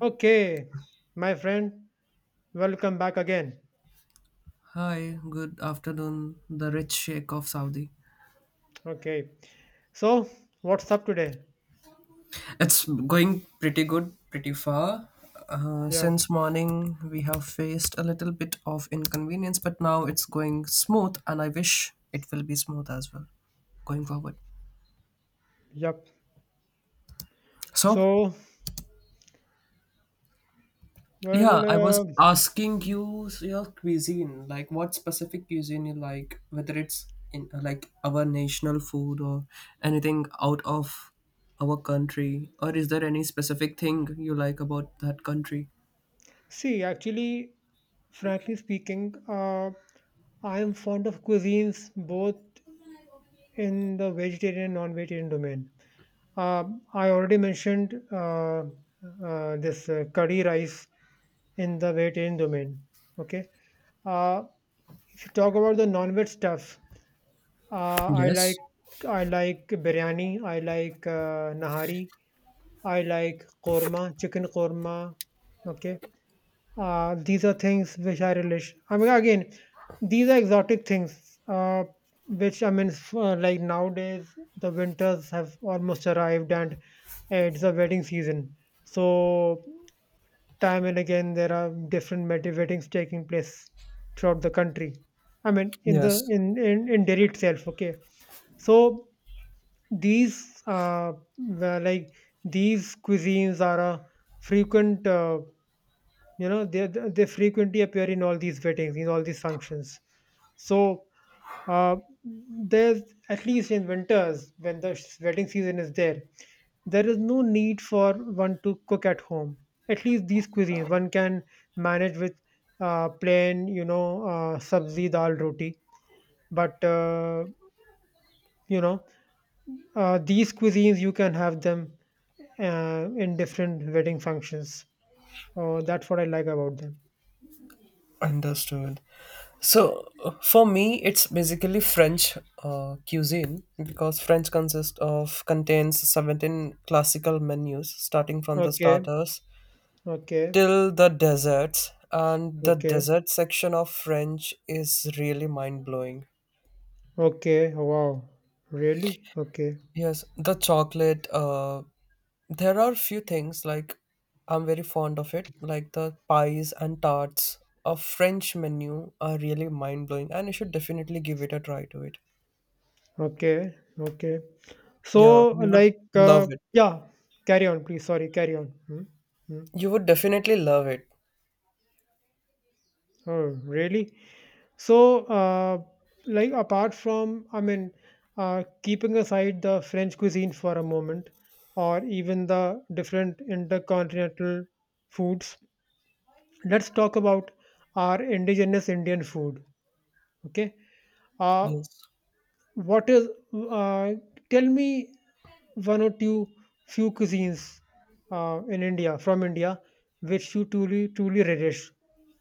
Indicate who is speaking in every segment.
Speaker 1: Okay, my friend, welcome back again.
Speaker 2: Hi, good afternoon. The rich Sheikh of Saudi.
Speaker 1: Okay, so what's up today?
Speaker 2: It's going pretty good, pretty far. Uh,
Speaker 1: Yeah,
Speaker 2: since morning, we have faced a little bit of inconvenience, but now it's going smooth, and I wish it will be smooth as well going forward.
Speaker 1: yep.
Speaker 2: So,
Speaker 1: So, well,
Speaker 2: yeah, I
Speaker 1: uh,
Speaker 2: was asking you your cuisine, like what specific cuisine you like, whether it's in like our national food or anything out of our country, or is there any specific thing you like about that country?
Speaker 1: See, actually, frankly speaking, I am fond of cuisines both in the vegetarian and non-vegetarian domain. I already mentioned this curry rice in the vegetarian domain. Okay, uh, if you talk about the non-veg stuff, Uh, I
Speaker 2: Yes.
Speaker 1: like I like biryani. I like nahari. I like korma, chicken korma. Okay, these are things which I relish. I mean, again, these are exotic things. Which I mean, f- Like nowadays, the winters have almost arrived, and it's a wedding season. So time and again there are different weddings taking place throughout the country. I mean
Speaker 2: Yes,
Speaker 1: in Delhi itself. Okay, so these like these cuisines are a frequent, they frequently appear in all these weddings, in all these functions. So, uh, there's, at least in winters when the wedding season is there, there is no need for one to cook at home. At least these cuisines one can manage with, plain, sabzi dal roti. But you know These cuisines you can have them in different wedding functions. Oh, that's what I like about them.
Speaker 2: understood. So for me, it's basically French cuisine, because French consists of contains 17 classical menus starting from the
Speaker 1: Okay.
Speaker 2: starters
Speaker 1: Okay,
Speaker 2: till the deserts, and the
Speaker 1: okay,
Speaker 2: desert section of French is really mind blowing.
Speaker 1: okay. Wow, really? Okay,
Speaker 2: Yes, the chocolate, there are few things like I'm very fond of it, like the pies and tarts. A French menu are really mind blowing, and you should definitely give it a try to it.
Speaker 1: okay, okay.
Speaker 2: Yeah,
Speaker 1: So,
Speaker 2: you would
Speaker 1: like, uh,
Speaker 2: love it.
Speaker 1: yeah, carry on, please. Sorry, carry on. Hmm? Hmm?
Speaker 2: You would definitely love it.
Speaker 1: Oh, really? So, uh, Apart from, I mean, keeping aside the French cuisine for a moment, or even the different intercontinental foods, let's talk about our indigenous Indian food. Okay. Uh,
Speaker 2: Yes.
Speaker 1: What is uh, Tell me one or two few cuisines in India from India which you truly relish,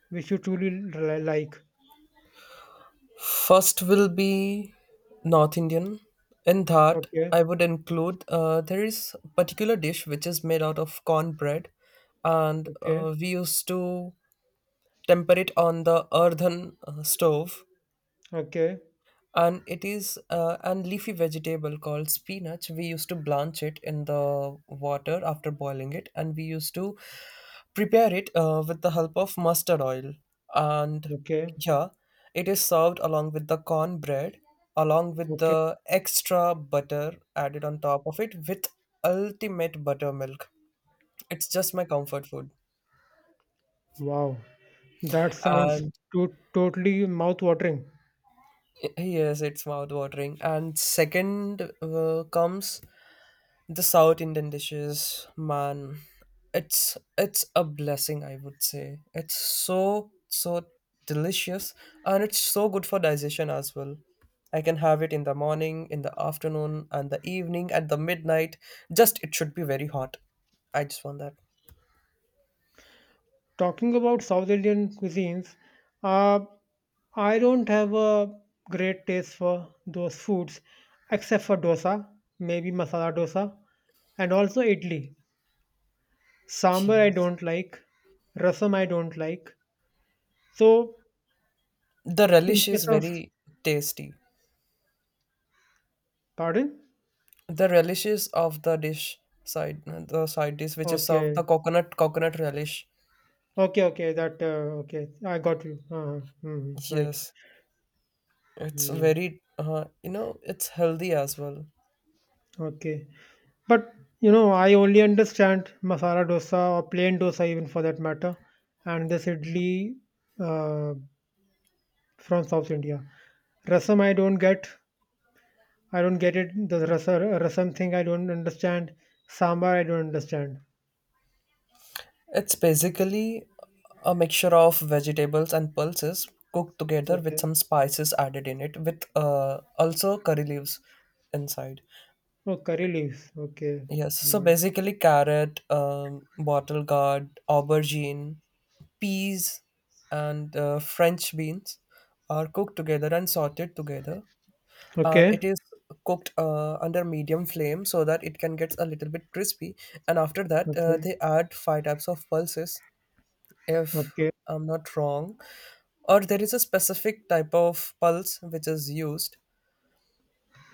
Speaker 1: which you like.
Speaker 2: First will be North Indian. In that,
Speaker 1: Okay,
Speaker 2: I would include there is a particular dish which is made out of cornbread, and
Speaker 1: okay,
Speaker 2: we used to temper it on the earthen stove,
Speaker 1: okay,
Speaker 2: and it is an leafy vegetable called spinach. We used to blanch it in the water after boiling it, and we used to prepare it with the help of mustard oil, and
Speaker 1: okay,
Speaker 2: yeah, it is served along with the cornbread, along with
Speaker 1: okay.
Speaker 2: the extra butter added on top of it, with ultimate buttermilk. It's just my comfort food.
Speaker 1: Wow, that sounds
Speaker 2: And
Speaker 1: totally mouth-watering.
Speaker 2: yes, it's mouth watering. And second comes the South Indian dishes, man, it's a blessing, I would say. It's so so delicious, and it's so good for digestion as well. I can have it in the morning, in the afternoon, and the evening, at the midnight. Just it should be very hot. I just want that.
Speaker 1: Talking about South Indian cuisines, uh, I don't have a great taste for those foods except for dosa, maybe masala dosa, and also idli. Sambar I
Speaker 2: Cheers.
Speaker 1: don't like. Rasam I don't like. So
Speaker 2: The
Speaker 1: in
Speaker 2: relish is
Speaker 1: case of,
Speaker 2: very tasty.
Speaker 1: pardon?
Speaker 2: The relishes of the dish side, the side dish which is of
Speaker 1: Okay.
Speaker 2: the coconut relish.
Speaker 1: Okay, okay. That Okay. I got you. Mm, right.
Speaker 2: Yes. It's
Speaker 1: Mm,
Speaker 2: very, it's healthy as well.
Speaker 1: okay. But you know, I only understand masala dosa or plain dosa even for that matter, and this idli uh, from South India. Rasam I don't get. I don't get it. Rasam thing I don't understand. Sambar I don't understand.
Speaker 2: It's basically a mixture of vegetables and pulses cooked together with
Speaker 1: Okay.
Speaker 2: some spices added in it, with also curry leaves inside.
Speaker 1: Oh, curry leaves. Okay.
Speaker 2: Yes, so
Speaker 1: Mm.
Speaker 2: basically carrot, bottle gourd, aubergine, peas, and French beans are cooked together and sorted together, and
Speaker 1: Okay.
Speaker 2: it is cooked under medium flame so that it can get a little bit crispy. And after that
Speaker 1: Okay.
Speaker 2: they add five types of pulses, if
Speaker 1: Okay.
Speaker 2: I'm not wrong, or there is a specific type of pulse which is used.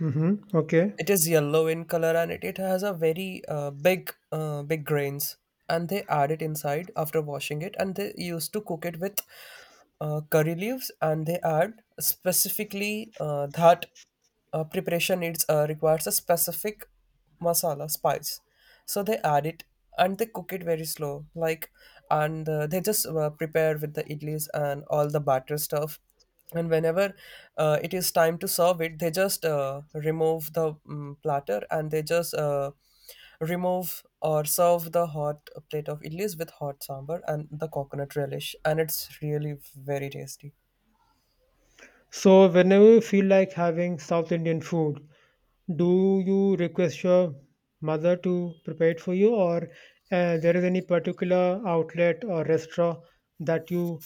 Speaker 1: Mm-hmm. Okay.
Speaker 2: It is yellow in color, and it has a very big, big grains. And they add it inside after washing it, and they used to cook it with curry leaves. And they add specifically that preparation needs requires a specific masala spice, so they add it, and they cook it very slow like. And they just prepare with the idlis and all the batter stuff. And whenever it is time to serve it, they just remove the platter, and they just remove or serve the hot plate of idlis with hot sambar and the coconut relish, and it's really very tasty.
Speaker 1: So whenever you feel like having South Indian food, do you request your mother to prepare it for you, or there is any particular outlet or restaurant that you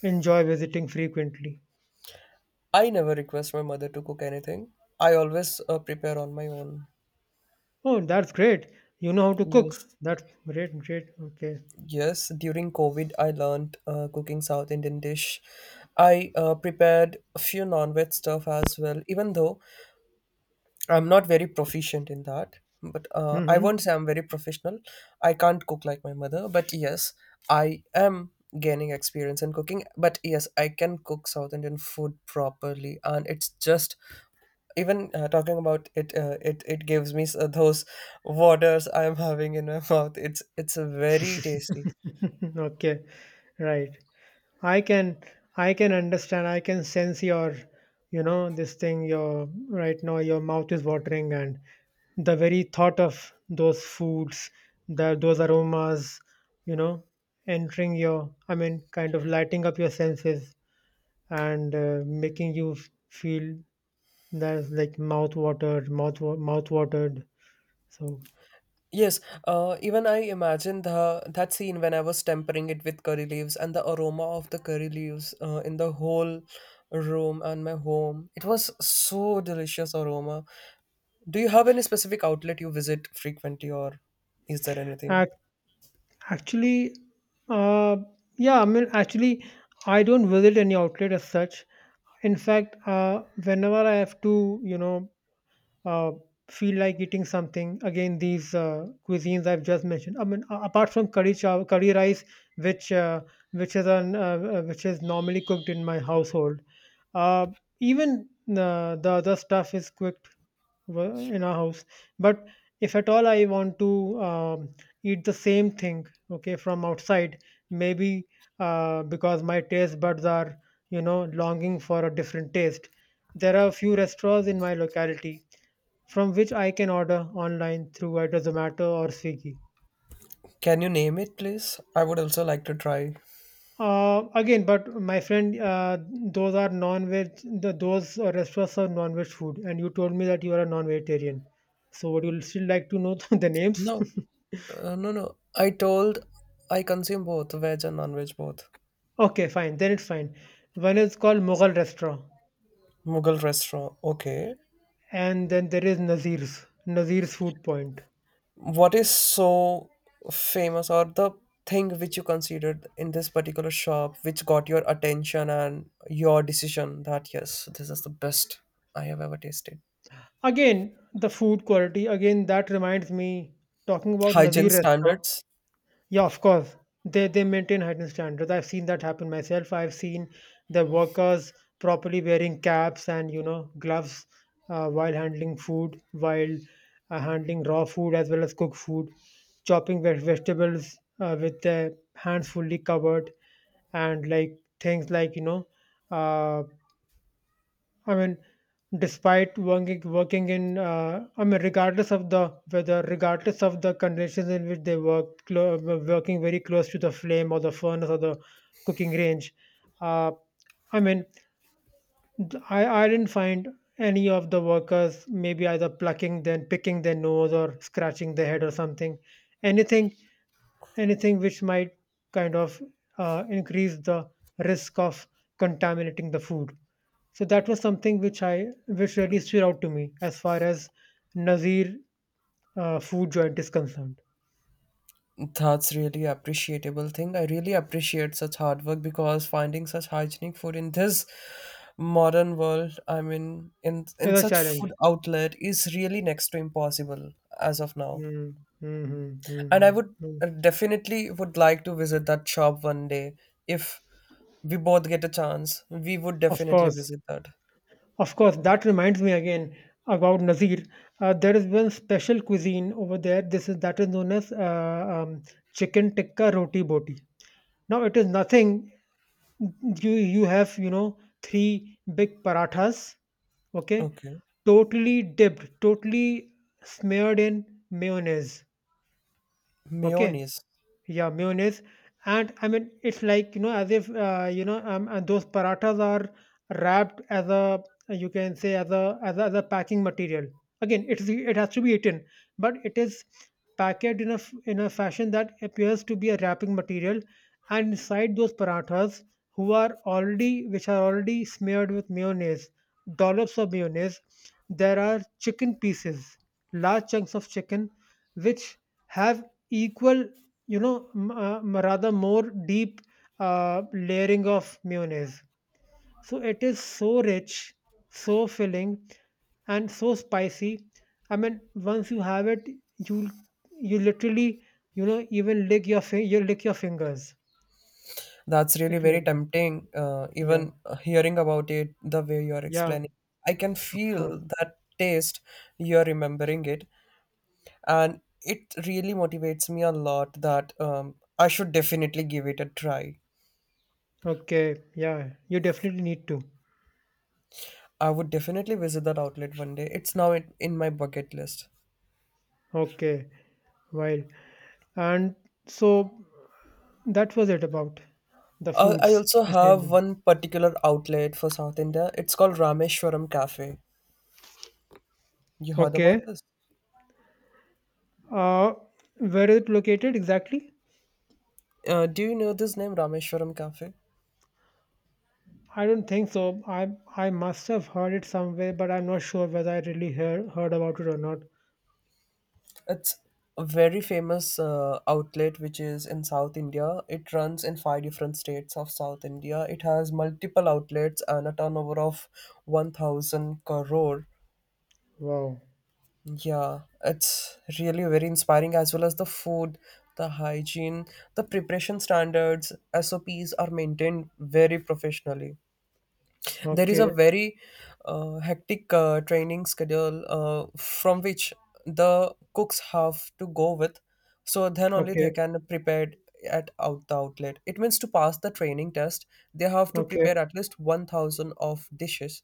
Speaker 1: enjoy visiting frequently?
Speaker 2: I never request my mother to cook anything. I always prepare on my own.
Speaker 1: Oh, that's great. You know how to
Speaker 2: Yes.
Speaker 1: cook. That's great. Great. Okay.
Speaker 2: Yes, during COVID, I learned cooking South Indian dish. I prepared a few non-veg stuff as well, even though I'm not very proficient in that. But I
Speaker 1: Mm-hmm.
Speaker 2: won't say I'm very professional. I can't cook like my mother, but yes, I am gaining experience in cooking. But yes, I can cook South Indian food properly, and it's just even talking about it, it gives me those waters I'm having in my mouth. It's very tasty.
Speaker 1: Okay. Right. I can I can understand. I can sense your, you know, this thing. Your right now, your mouth is watering, and the very thought of those foods, the those aromas, you know, entering your. I mean, kind of lighting up your senses, and making you feel that's like mouth watered, mouth watered. So
Speaker 2: Yes, even I imagine the that scene when I was tempering it with curry leaves, and the aroma of the curry leaves in the whole room and my home. It was so delicious aroma. Do you have any specific outlet you visit frequently, or is there anything?
Speaker 1: ac- actually, uh, yeah. I mean, actually, I don't visit any outlet as such. In fact, whenever I have to, you know, uh, feel like eating something, again, these cuisines I've just mentioned. I mean, apart from curry chow, curry rice, which uh, which is an which is normally cooked in my household. Uh, even The other stuff is quick in our house. But if at all I want to, um, eat the same thing, okay, from outside, maybe, because my taste buds are, you know, longing for a different taste, there are a few restaurants in my locality from which I can order online through either Zomato or Swiggy.
Speaker 2: Can you name it, please? I would also like to try.
Speaker 1: But my friend, those are non-veg. The, those restaurants are non-veg food, and you told me that you are a non-vegetarian. So, would you still like to know the names?
Speaker 2: No, no, no. I told I consume both veg and non-veg both.
Speaker 1: Okay, fine. Then it's fine. One is called Mughal Restaurant,
Speaker 2: Mughal restaurant. Okay.
Speaker 1: and then there is Nazir's, Nazir's Food Point.
Speaker 2: What is so famous, or the thing which you considered in this particular shop which got your attention and your decision that yes, this is the best I have ever tasted?
Speaker 1: Again, the food quality. Again, that reminds me talking about
Speaker 2: Hygiene
Speaker 1: Nazir Restaurant.
Speaker 2: standards.
Speaker 1: Yeah, of course. They maintain heightened standards. I've seen that happen myself. I've seen the workers properly wearing caps and, you know, gloves, while handling food, while handling raw food as well as cooked food, chopping vegetables with their hands fully covered, and like things like, you know. uh, I mean, despite working in, I mean, regardless of the weather, regardless of the conditions in which they work, working very close to the flame or the furnace or the cooking range, uh, I mean, I didn't find any of the workers maybe either plucking then picking their nose or scratching their head or something. Anything Anything which might kind of increase the risk of contaminating the food. So that was something which I which really stood out to me as far as Nazir food joint is concerned.
Speaker 2: That's really appreciable thing. I really appreciate such hard work, because finding such hygienic food in this modern world, I mean in
Speaker 1: It's a
Speaker 2: such
Speaker 1: challenge.
Speaker 2: food outlet, is really next to impossible as of now.
Speaker 1: Mm, mm, mm,
Speaker 2: And I
Speaker 1: mm,
Speaker 2: would
Speaker 1: mm.
Speaker 2: definitely would like to visit that shop one day. If we both get a chance, we would
Speaker 1: Of
Speaker 2: definitely
Speaker 1: course,
Speaker 2: visit that.
Speaker 1: of course. That reminds me again about Nazir. There is one special cuisine over there. This is That is known as chicken tikka roti boti. Now it is nothing, you have, you know, three big parathas, okay,
Speaker 2: Okay.
Speaker 1: totally dipped, totally smeared in mayonnaise. Okay,
Speaker 2: Mayonnaise.
Speaker 1: yeah, mayonnaise. And I mean, it's like, you know, as if, you know, and those parathas are wrapped as a, you can say, as a packing material. Again, it's, it has to be eaten, but it is packaged in a, in a fashion that appears to be a wrapping material. And inside those parathas, which are already smeared with mayonnaise, dollops of mayonnaise, there are chicken pieces, large chunks of chicken, which have equal, you know, rather more deep layering of mayonnaise. So it is so rich, so filling, and so spicy. I mean, once you have it, you you literally, you know, even lick your you lick your fingers.
Speaker 2: That's really
Speaker 1: It's
Speaker 2: very
Speaker 1: like that.
Speaker 2: tempting,
Speaker 1: Yeah,
Speaker 2: even hearing about it the way you are
Speaker 1: yeah,
Speaker 2: explaining, I can
Speaker 1: of
Speaker 2: feel
Speaker 1: course.
Speaker 2: that taste. You're remembering it, and it really motivates me a lot that I should definitely give it a try.
Speaker 1: Okay, yeah, you definitely need to.
Speaker 2: I would definitely visit that outlet one day. It's now in my bucket list.
Speaker 1: Okay, wild. And so that was it about the
Speaker 2: I
Speaker 1: foods
Speaker 2: also
Speaker 1: which I
Speaker 2: have
Speaker 1: enjoy.
Speaker 2: one particular outlet for South India. It's called Rameshwaram Cafe. You heard
Speaker 1: Okay.
Speaker 2: about this?
Speaker 1: Uh, where is it located exactly?
Speaker 2: Do you know this name, Rameshwaram Cafe?
Speaker 1: I don't think so. I must have heard it somewhere, but I'm not sure whether I really heard about it or not.
Speaker 2: It's a very famous outlet which is in South India. It runs in five different states of South India. It has multiple outlets and a turnover of 1,000 crore.
Speaker 1: Wow.
Speaker 2: Yeah, it's really very inspiring, as well as the food, the hygiene, the preparation standards. SOPs are maintained very professionally. There is a
Speaker 1: Okay.
Speaker 2: very hectic training schedule from which the cooks have to go with, so then only they
Speaker 1: Okay.
Speaker 2: can prepare at out the outlet. It means to pass the training test, they have to
Speaker 1: Okay.
Speaker 2: prepare at least 1,000 of dishes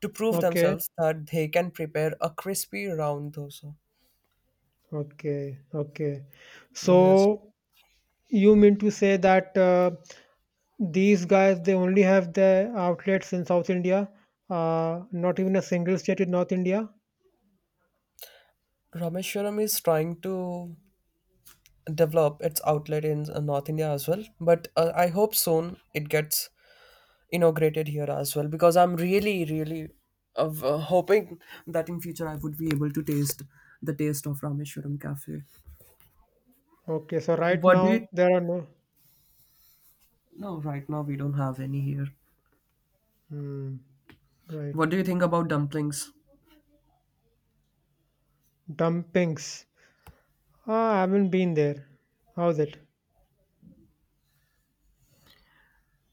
Speaker 2: to prove
Speaker 1: Okay.
Speaker 2: themselves that they can prepare a crispy round dosa.
Speaker 1: Okay. Okay.
Speaker 2: Yes,
Speaker 1: So you mean to say that these guys they only have their outlets in South India, not even a single state in North India?
Speaker 2: Rameshwaram is trying to develop its outlet in North India as well, but I hope soon it gets inaugurated here as well, because I'm really, really hoping that in future I would be able to taste the taste of Rameshwaram Cafe.
Speaker 1: Okay. So right
Speaker 2: What do
Speaker 1: now
Speaker 2: you?
Speaker 1: there are no.
Speaker 2: No, right now we don't have any here.
Speaker 1: Hmm, right.
Speaker 2: What do you think about dumplings?
Speaker 1: Dumpings. Ah, I haven't been there. How's it?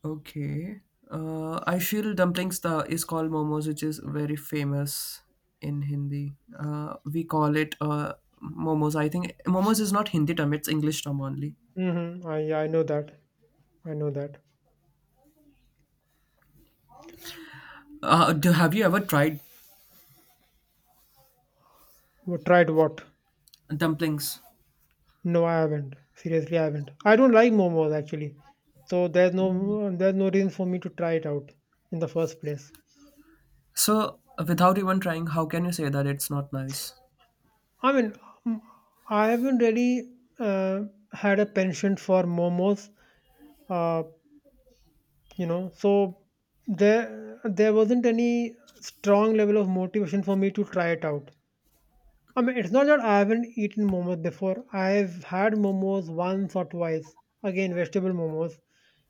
Speaker 2: Okay. I feel dumplings the is called momos, which is very famous in Hindi. We call it momos. I think momos is not Hindi term; it's English term only.
Speaker 1: Mm-hmm. I know that. I know that.
Speaker 2: Have you ever tried
Speaker 1: Well, tried what?
Speaker 2: dumplings?
Speaker 1: No, I haven't. Seriously, I haven't. I don't like momos actually. So there's no there's no reason for me to try it out in the first place.
Speaker 2: So, without even trying, how can you say that it's not nice?
Speaker 1: I mean, mm, I haven't really uh, had a penchant for momos. Uh, you know, so there wasn't any strong level of motivation for me to try it out. I mean, it's not that I haven't eaten momos before. I've had momos once or twice. Again, vegetable momos,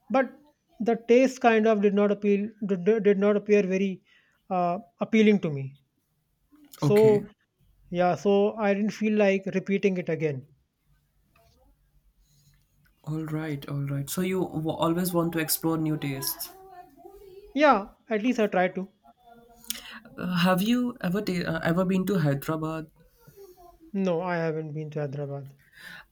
Speaker 1: but the taste kind of did not appeal. Did not appear very appealing to me.
Speaker 2: Okay.
Speaker 1: So yeah, so I didn't feel like repeating it again.
Speaker 2: All right. All right. So you always want to explore new tastes.
Speaker 1: Yeah, at least I tried to.
Speaker 2: Have you ever been to Hyderabad?
Speaker 1: No, I haven't been to Hyderabad.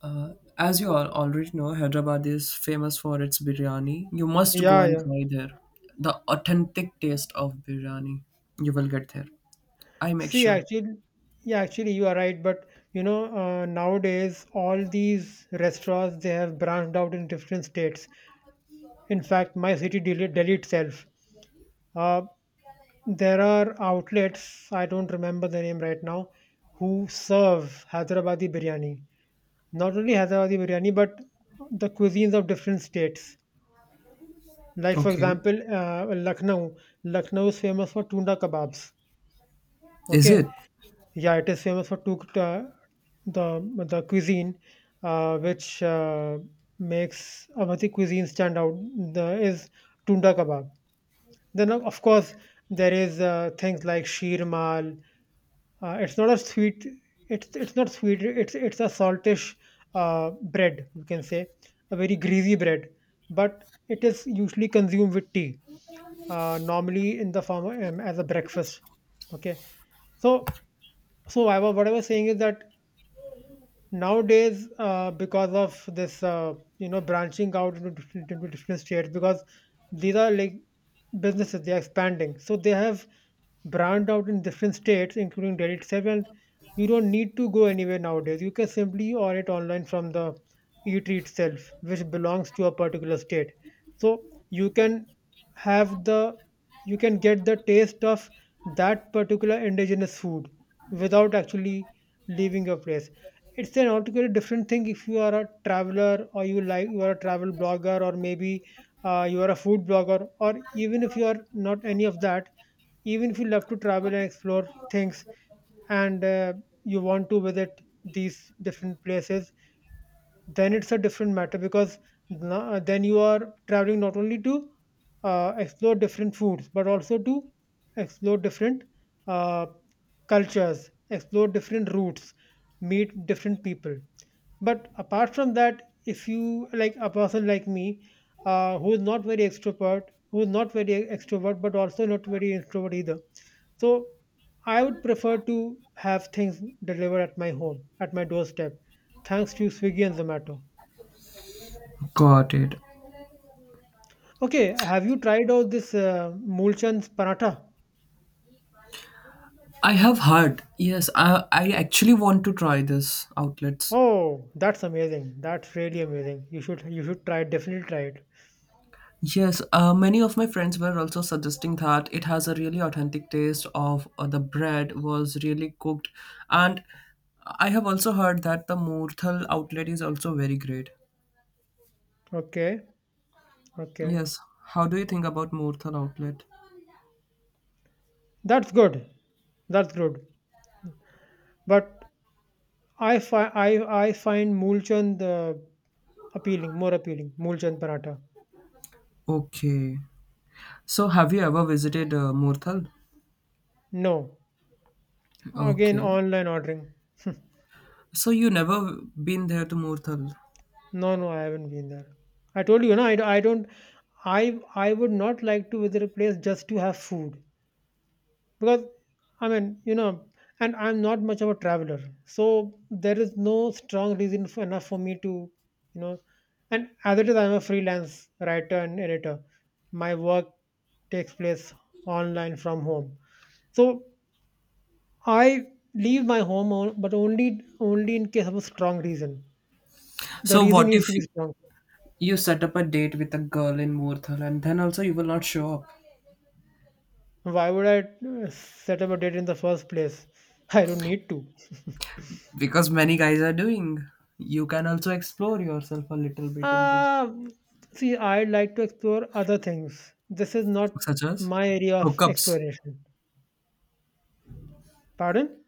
Speaker 2: As you all already know, Hyderabad is famous for its biryani. You must go
Speaker 1: Yeah,
Speaker 2: and
Speaker 1: yeah.
Speaker 2: try there. The authentic taste of biryani. You will get there. I make
Speaker 1: See,
Speaker 2: sure.
Speaker 1: actually, yeah, actually, you are right. But you know, nowadays all these restaurants they have branched out in different states. In fact, my city, Delhi itself, uh, there are outlets, I don't remember the name right now, who serve Hyderabadi biryani. Not only Hyderabadi biryani, but the cuisines of different states. Like, for
Speaker 2: Okay.
Speaker 1: example, Lucknow. Lucknow is famous for tunda kebabs.
Speaker 2: Is it?
Speaker 1: Okay. Yeah, it is famous for two, the cuisine, which makes Amati cuisine stand out, is tunda kebab. Then, of course, there is things like sheermal. It's not a sweet. It's not sweet. It's a saltish bread. You can say a very greasy bread, but it is usually consumed with tea. Normally in the form of, as a breakfast. Okay, so so I, what I was saying is that nowadays because of this uh, branching out into into different states because these are like businesses, they are expanding, so they have branched out in different states including Delhi itself. And you don't need to go anywhere nowadays, you can simply order it online from the eatery itself which belongs to a particular state. So you can have the you can get the taste of that particular indigenous food without actually leaving your place. It's an altogether different thing if you are a traveler, or you are a travel blogger, or maybe you are a food blogger, or even if you are not any of that, even if you love to travel and explore things and you want to visit these different places, then it's a different matter because then you are traveling not only to explore different foods but also to explore different uh, cultures, explore different routes, meet different people. But apart from that, if you like a person like me, who is not very extrovert, who is not very extrovert but also not very introvert either, so I would prefer to have things delivered at my home, at my doorstep. Thanks to Swiggy and Zomato.
Speaker 2: Got it.
Speaker 1: Okay, have you tried out this Moolchand's paratha?
Speaker 2: I have heard. Yes, I actually want to try this outlets.
Speaker 1: Oh, that's amazing. That's really amazing. You should try it. Definitely try it.
Speaker 2: Yes, many of my friends were also suggesting that it has a really authentic taste of the bread was really cooked, and I have also heard that the Murthal outlet is also very great.
Speaker 1: Okay, okay.
Speaker 2: Yes. How do you think about Murthal outlet?
Speaker 1: That's good. That's good. But I fi- I find Moolchand appealing, more appealing. Moolchand paratha.
Speaker 2: Okay. So have you ever visited Murthal?
Speaker 1: No. Again,
Speaker 2: Okay.
Speaker 1: online ordering.
Speaker 2: So you never been there to Murthal.
Speaker 1: No, no, I haven't been there. I told you, no, I don't. I would not like to visit a place just to have food, because I mean, you know, and I'm not much of a traveler, so there is no strong reason enough for me to, you know. And as it is, I'm a freelance writer and editor. My work takes place online from home. So I leave my home, but only only in case of a strong reason. The
Speaker 2: So
Speaker 1: reason
Speaker 2: what
Speaker 1: needs
Speaker 2: if
Speaker 1: to be strong.
Speaker 2: you set up a date with a girl in Murthal, and then also you will not show up?
Speaker 1: Why would I set up a date in the first place? I don't need to.
Speaker 2: Because many guys are doing. You can also explore yourself a little bit in this.
Speaker 1: Uh, see, I'd like to explore other things. This is not
Speaker 2: Such as
Speaker 1: my area of
Speaker 2: hookups.
Speaker 1: exploration. Pardon?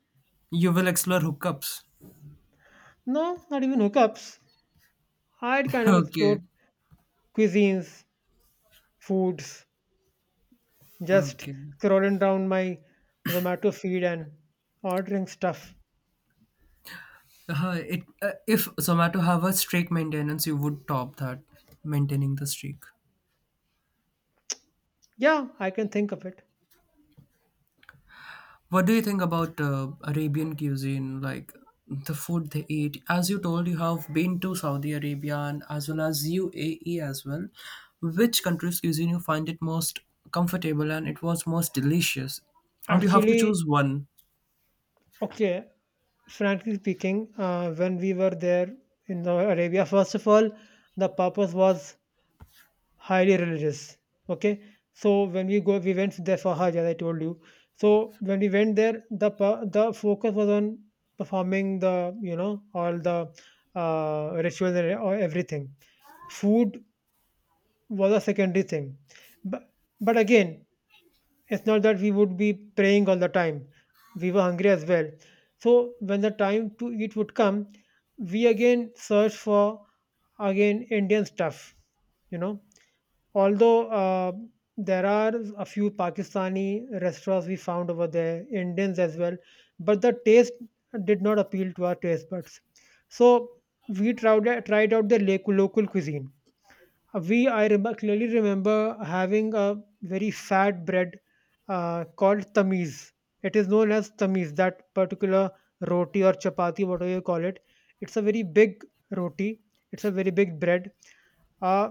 Speaker 2: You will explore hookups.
Speaker 1: No, not even hookups. I'd kind of explore
Speaker 2: Okay.
Speaker 1: cuisines, foods, just
Speaker 2: Okay.
Speaker 1: scrolling down my Zomato feed and ordering stuff.
Speaker 2: It if Zomato have a streak maintenance, you would top that maintaining the streak.
Speaker 1: Yeah, I can think of it.
Speaker 2: What do you think about Arabian cuisine, like the food they eat? As you told, you have been to Saudi Arabia and as well as UAE as well. Which country's cuisine you find it most comfortable and it was most delicious? And you have to
Speaker 1: Actually,
Speaker 2: choose one.
Speaker 1: okay, frankly speaking, when we were there in the Arabia, first of all, the purpose was highly religious. Okay, so when we went there for Hajj, as I told you. So when we went there, the focus was on performing the, you know, all the rituals and or everything. Food was a secondary thing, but but again, it's not that we would be praying all the time. We were hungry as well. So when the time to eat would come, we again search for, again, Indian stuff, you know. Although there are a few Pakistani restaurants we found over there, Indians as well, but the taste did not appeal to our taste buds. So we tried out the local cuisine. We, I remember, clearly remember having a very fat bread called tamiz. It is known as tamiz, that particular roti or chapati, whatever you call it. It's a very big roti, it's a very big bread, uh,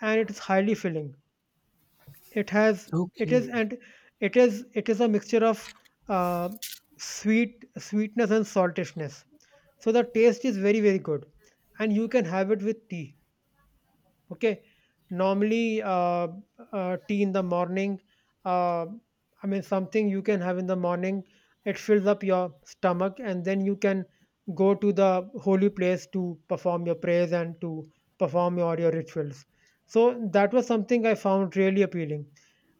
Speaker 1: and it is highly filling. it has it is
Speaker 2: Okay.
Speaker 1: and it is it is a mixture of uh, sweet, sweetness and saltishness. So the taste is very very good, and you can have it with tea. Okay, normally tea in the morning, uh, I mean something you can have in the morning. It fills up your stomach and then you can go to the holy place to perform your prayers and to perform your rituals. So that was something I found really appealing.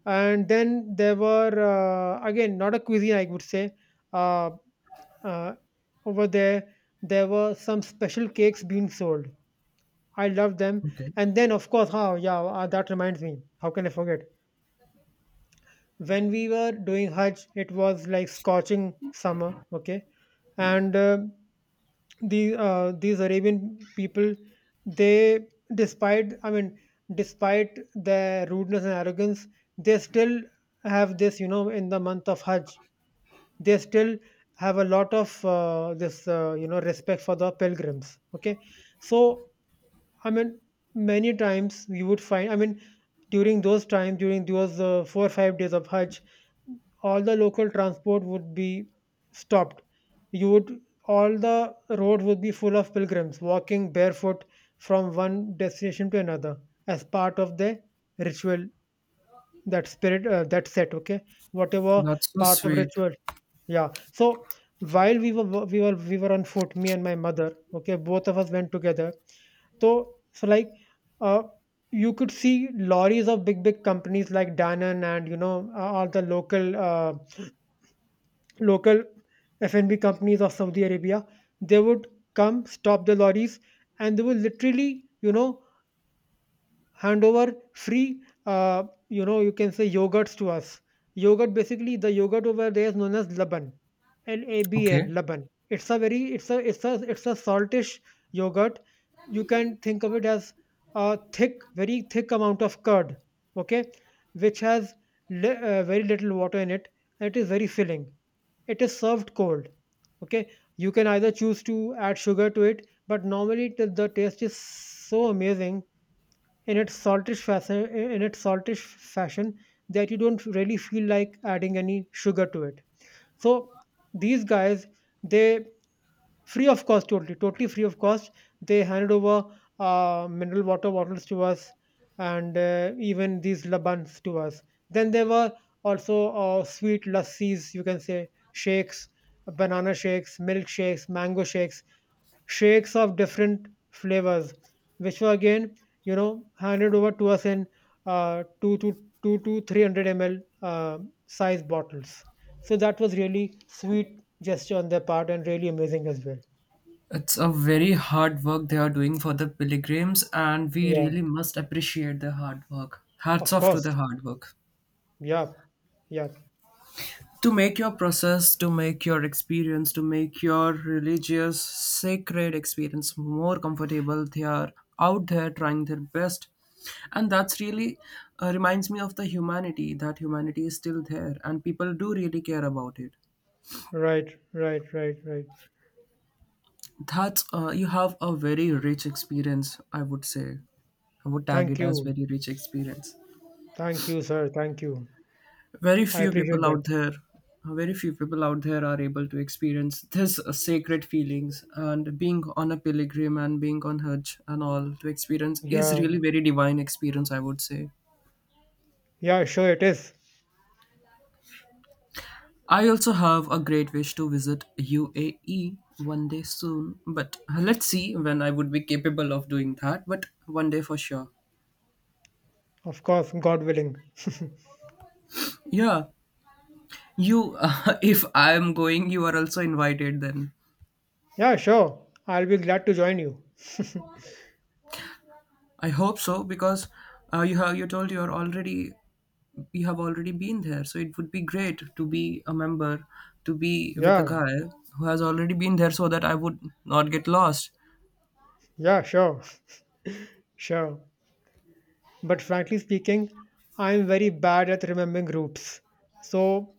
Speaker 1: And then there were, again, not a cuisine, I would say. Uh, uh, Over there, there were some special cakes being sold. I loved them.
Speaker 2: Okay.
Speaker 1: And then, of course, how, yeah, that reminds me. How can I forget? When we were doing Hajj, it was like scorching summer, okay? And the, these Arabian people, they, despite, I mean, despite their rudeness and arrogance, they still have this, you know, in the month of Hajj. They still have a lot of this you know, respect for the pilgrims, okay. So I mean, many times you would find, I mean, during those times, during those 4 or 5 days of Hajj, all the local transport would be stopped. You would, all the roads would be full of pilgrims walking barefoot from one destination to another as part of the ritual. That spirit that set, okay, whatever,
Speaker 2: That's so
Speaker 1: part of
Speaker 2: sweet.
Speaker 1: ritual, yeah. So while we were on foot, me and my mother. Okay, both of us went together. So so like uh, you could see lorries of big big companies like Danone, and, you know, all the local local F&B companies of Saudi Arabia. They would come, stop the lorries, and they would literally, you know, hand over free you know, you can say yogurts to us. Yogurt, basically the yogurt over there is known as laban, l-a-b-n,
Speaker 2: Okay.
Speaker 1: laban. It's a very, it's a, it's a, it's a saltish yogurt. You can think of it as a thick, very thick amount of curd, okay, which has very little water in it, and it is very filling. It is served cold, okay. You can either choose to add sugar to it, but normally the taste is so amazing in its saltish fashion, in its saltish fashion, that you don't really feel like adding any sugar to it. So these guys, they, free of cost, totally totally free of cost, they handed over mineral water bottles to us, and even these labans to us. Then there were also sweet lassis, you can say shakes, banana shakes, milk shakes, mango shakes, shakes of different flavors, which were again, you know, handed over to us in uh, 2 to 2 to 300 ml size bottles. So that was really sweet gesture on their part, and really amazing as well.
Speaker 2: It's a very hard work they are doing for the pilgrims, and we
Speaker 1: Yeah,
Speaker 2: really must appreciate the hard work. Hats
Speaker 1: of
Speaker 2: off to
Speaker 1: course.
Speaker 2: the hard work.
Speaker 1: Yeah, yeah.
Speaker 2: To make your process, to make your experience, to make your religious, sacred experience more comfortable, they are out there trying their best. And that's really reminds me of the humanity, that humanity is still there, and people do really care about it.
Speaker 1: Right, right, right, right.
Speaker 2: That's you have a very rich experience, I would say. I would tag
Speaker 1: Thank
Speaker 2: it as
Speaker 1: you.
Speaker 2: very rich experience.
Speaker 1: Thank you, sir. Thank you.
Speaker 2: Very
Speaker 1: I
Speaker 2: few people
Speaker 1: appreciate that.
Speaker 2: out there, very few people out there are able to experience this sacred feelings, and being on a pilgrim and being on Hajj and all to experience is
Speaker 1: Yeah,
Speaker 2: really very divine experience, I would say.
Speaker 1: yeah, sure, it is.
Speaker 2: I also have a great wish to visit UAE one day soon, but let's see when I would be capable of doing that, but one day for sure.
Speaker 1: Of course, God willing.
Speaker 2: Yeah, you, if I am going, you are also invited. Then
Speaker 1: Yeah, sure. I'll be glad to join you.
Speaker 2: I hope so, because you told you have already been there. So it would be great to be a member, to be with a
Speaker 1: Yeah,
Speaker 2: guy who has already been there, so that I would not get lost.
Speaker 1: yeah, sure, sure. But frankly speaking, I'm very bad at remembering routes. So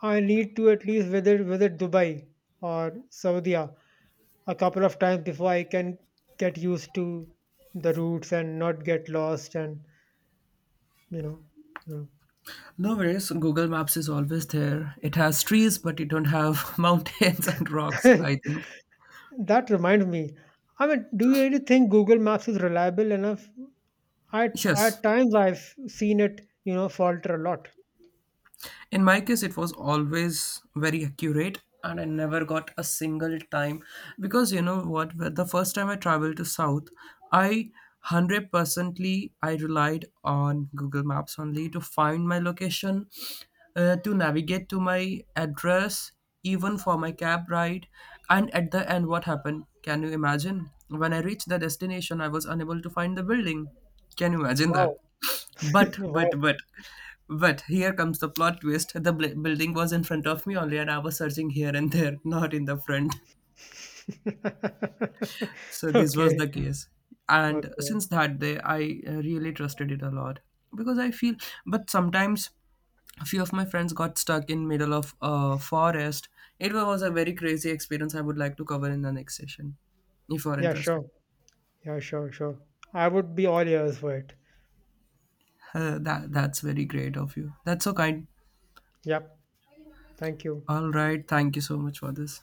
Speaker 1: I need to at least visit Dubai or Saudi a couple of times before I can get used to the routes and not get lost, and you know, you
Speaker 2: No worries. Google Maps is always there. It has trees, but it don't have mountains and rocks.
Speaker 1: know.
Speaker 2: I think
Speaker 1: That reminds me. I mean, do you really think Google Maps is reliable enough? At
Speaker 2: yes.
Speaker 1: times I've seen it, you know, falter a lot.
Speaker 2: In my case, it was always very accurate, and I never got a single time. Because you know what, the first time I traveled to south, I 100%ly I relied on Google Maps only to find my location, to navigate to my address, even for my cab ride. And at the end, what happened, can you imagine, when I reached the destination, I was unable to find the building, can you imagine that?
Speaker 1: Wow.
Speaker 2: but,
Speaker 1: Wow.
Speaker 2: but, but, but here comes the plot twist. The building was in front of me only, and I was searching here and there, not in the front. So this was
Speaker 1: Okay.
Speaker 2: the case. And
Speaker 1: Okay.
Speaker 2: since that day, I really trusted it a lot because I feel. But sometimes a few of my friends got stuck in middle of a forest. It was a very crazy experience. I would like to cover in the next session, if you are
Speaker 1: Yeah, sure.
Speaker 2: interested.
Speaker 1: Yeah, sure, sure. I would be all ears for it.
Speaker 2: That's very great of you. That's so kind.
Speaker 1: Yep. Thank you.
Speaker 2: All right. Thank you so much for this.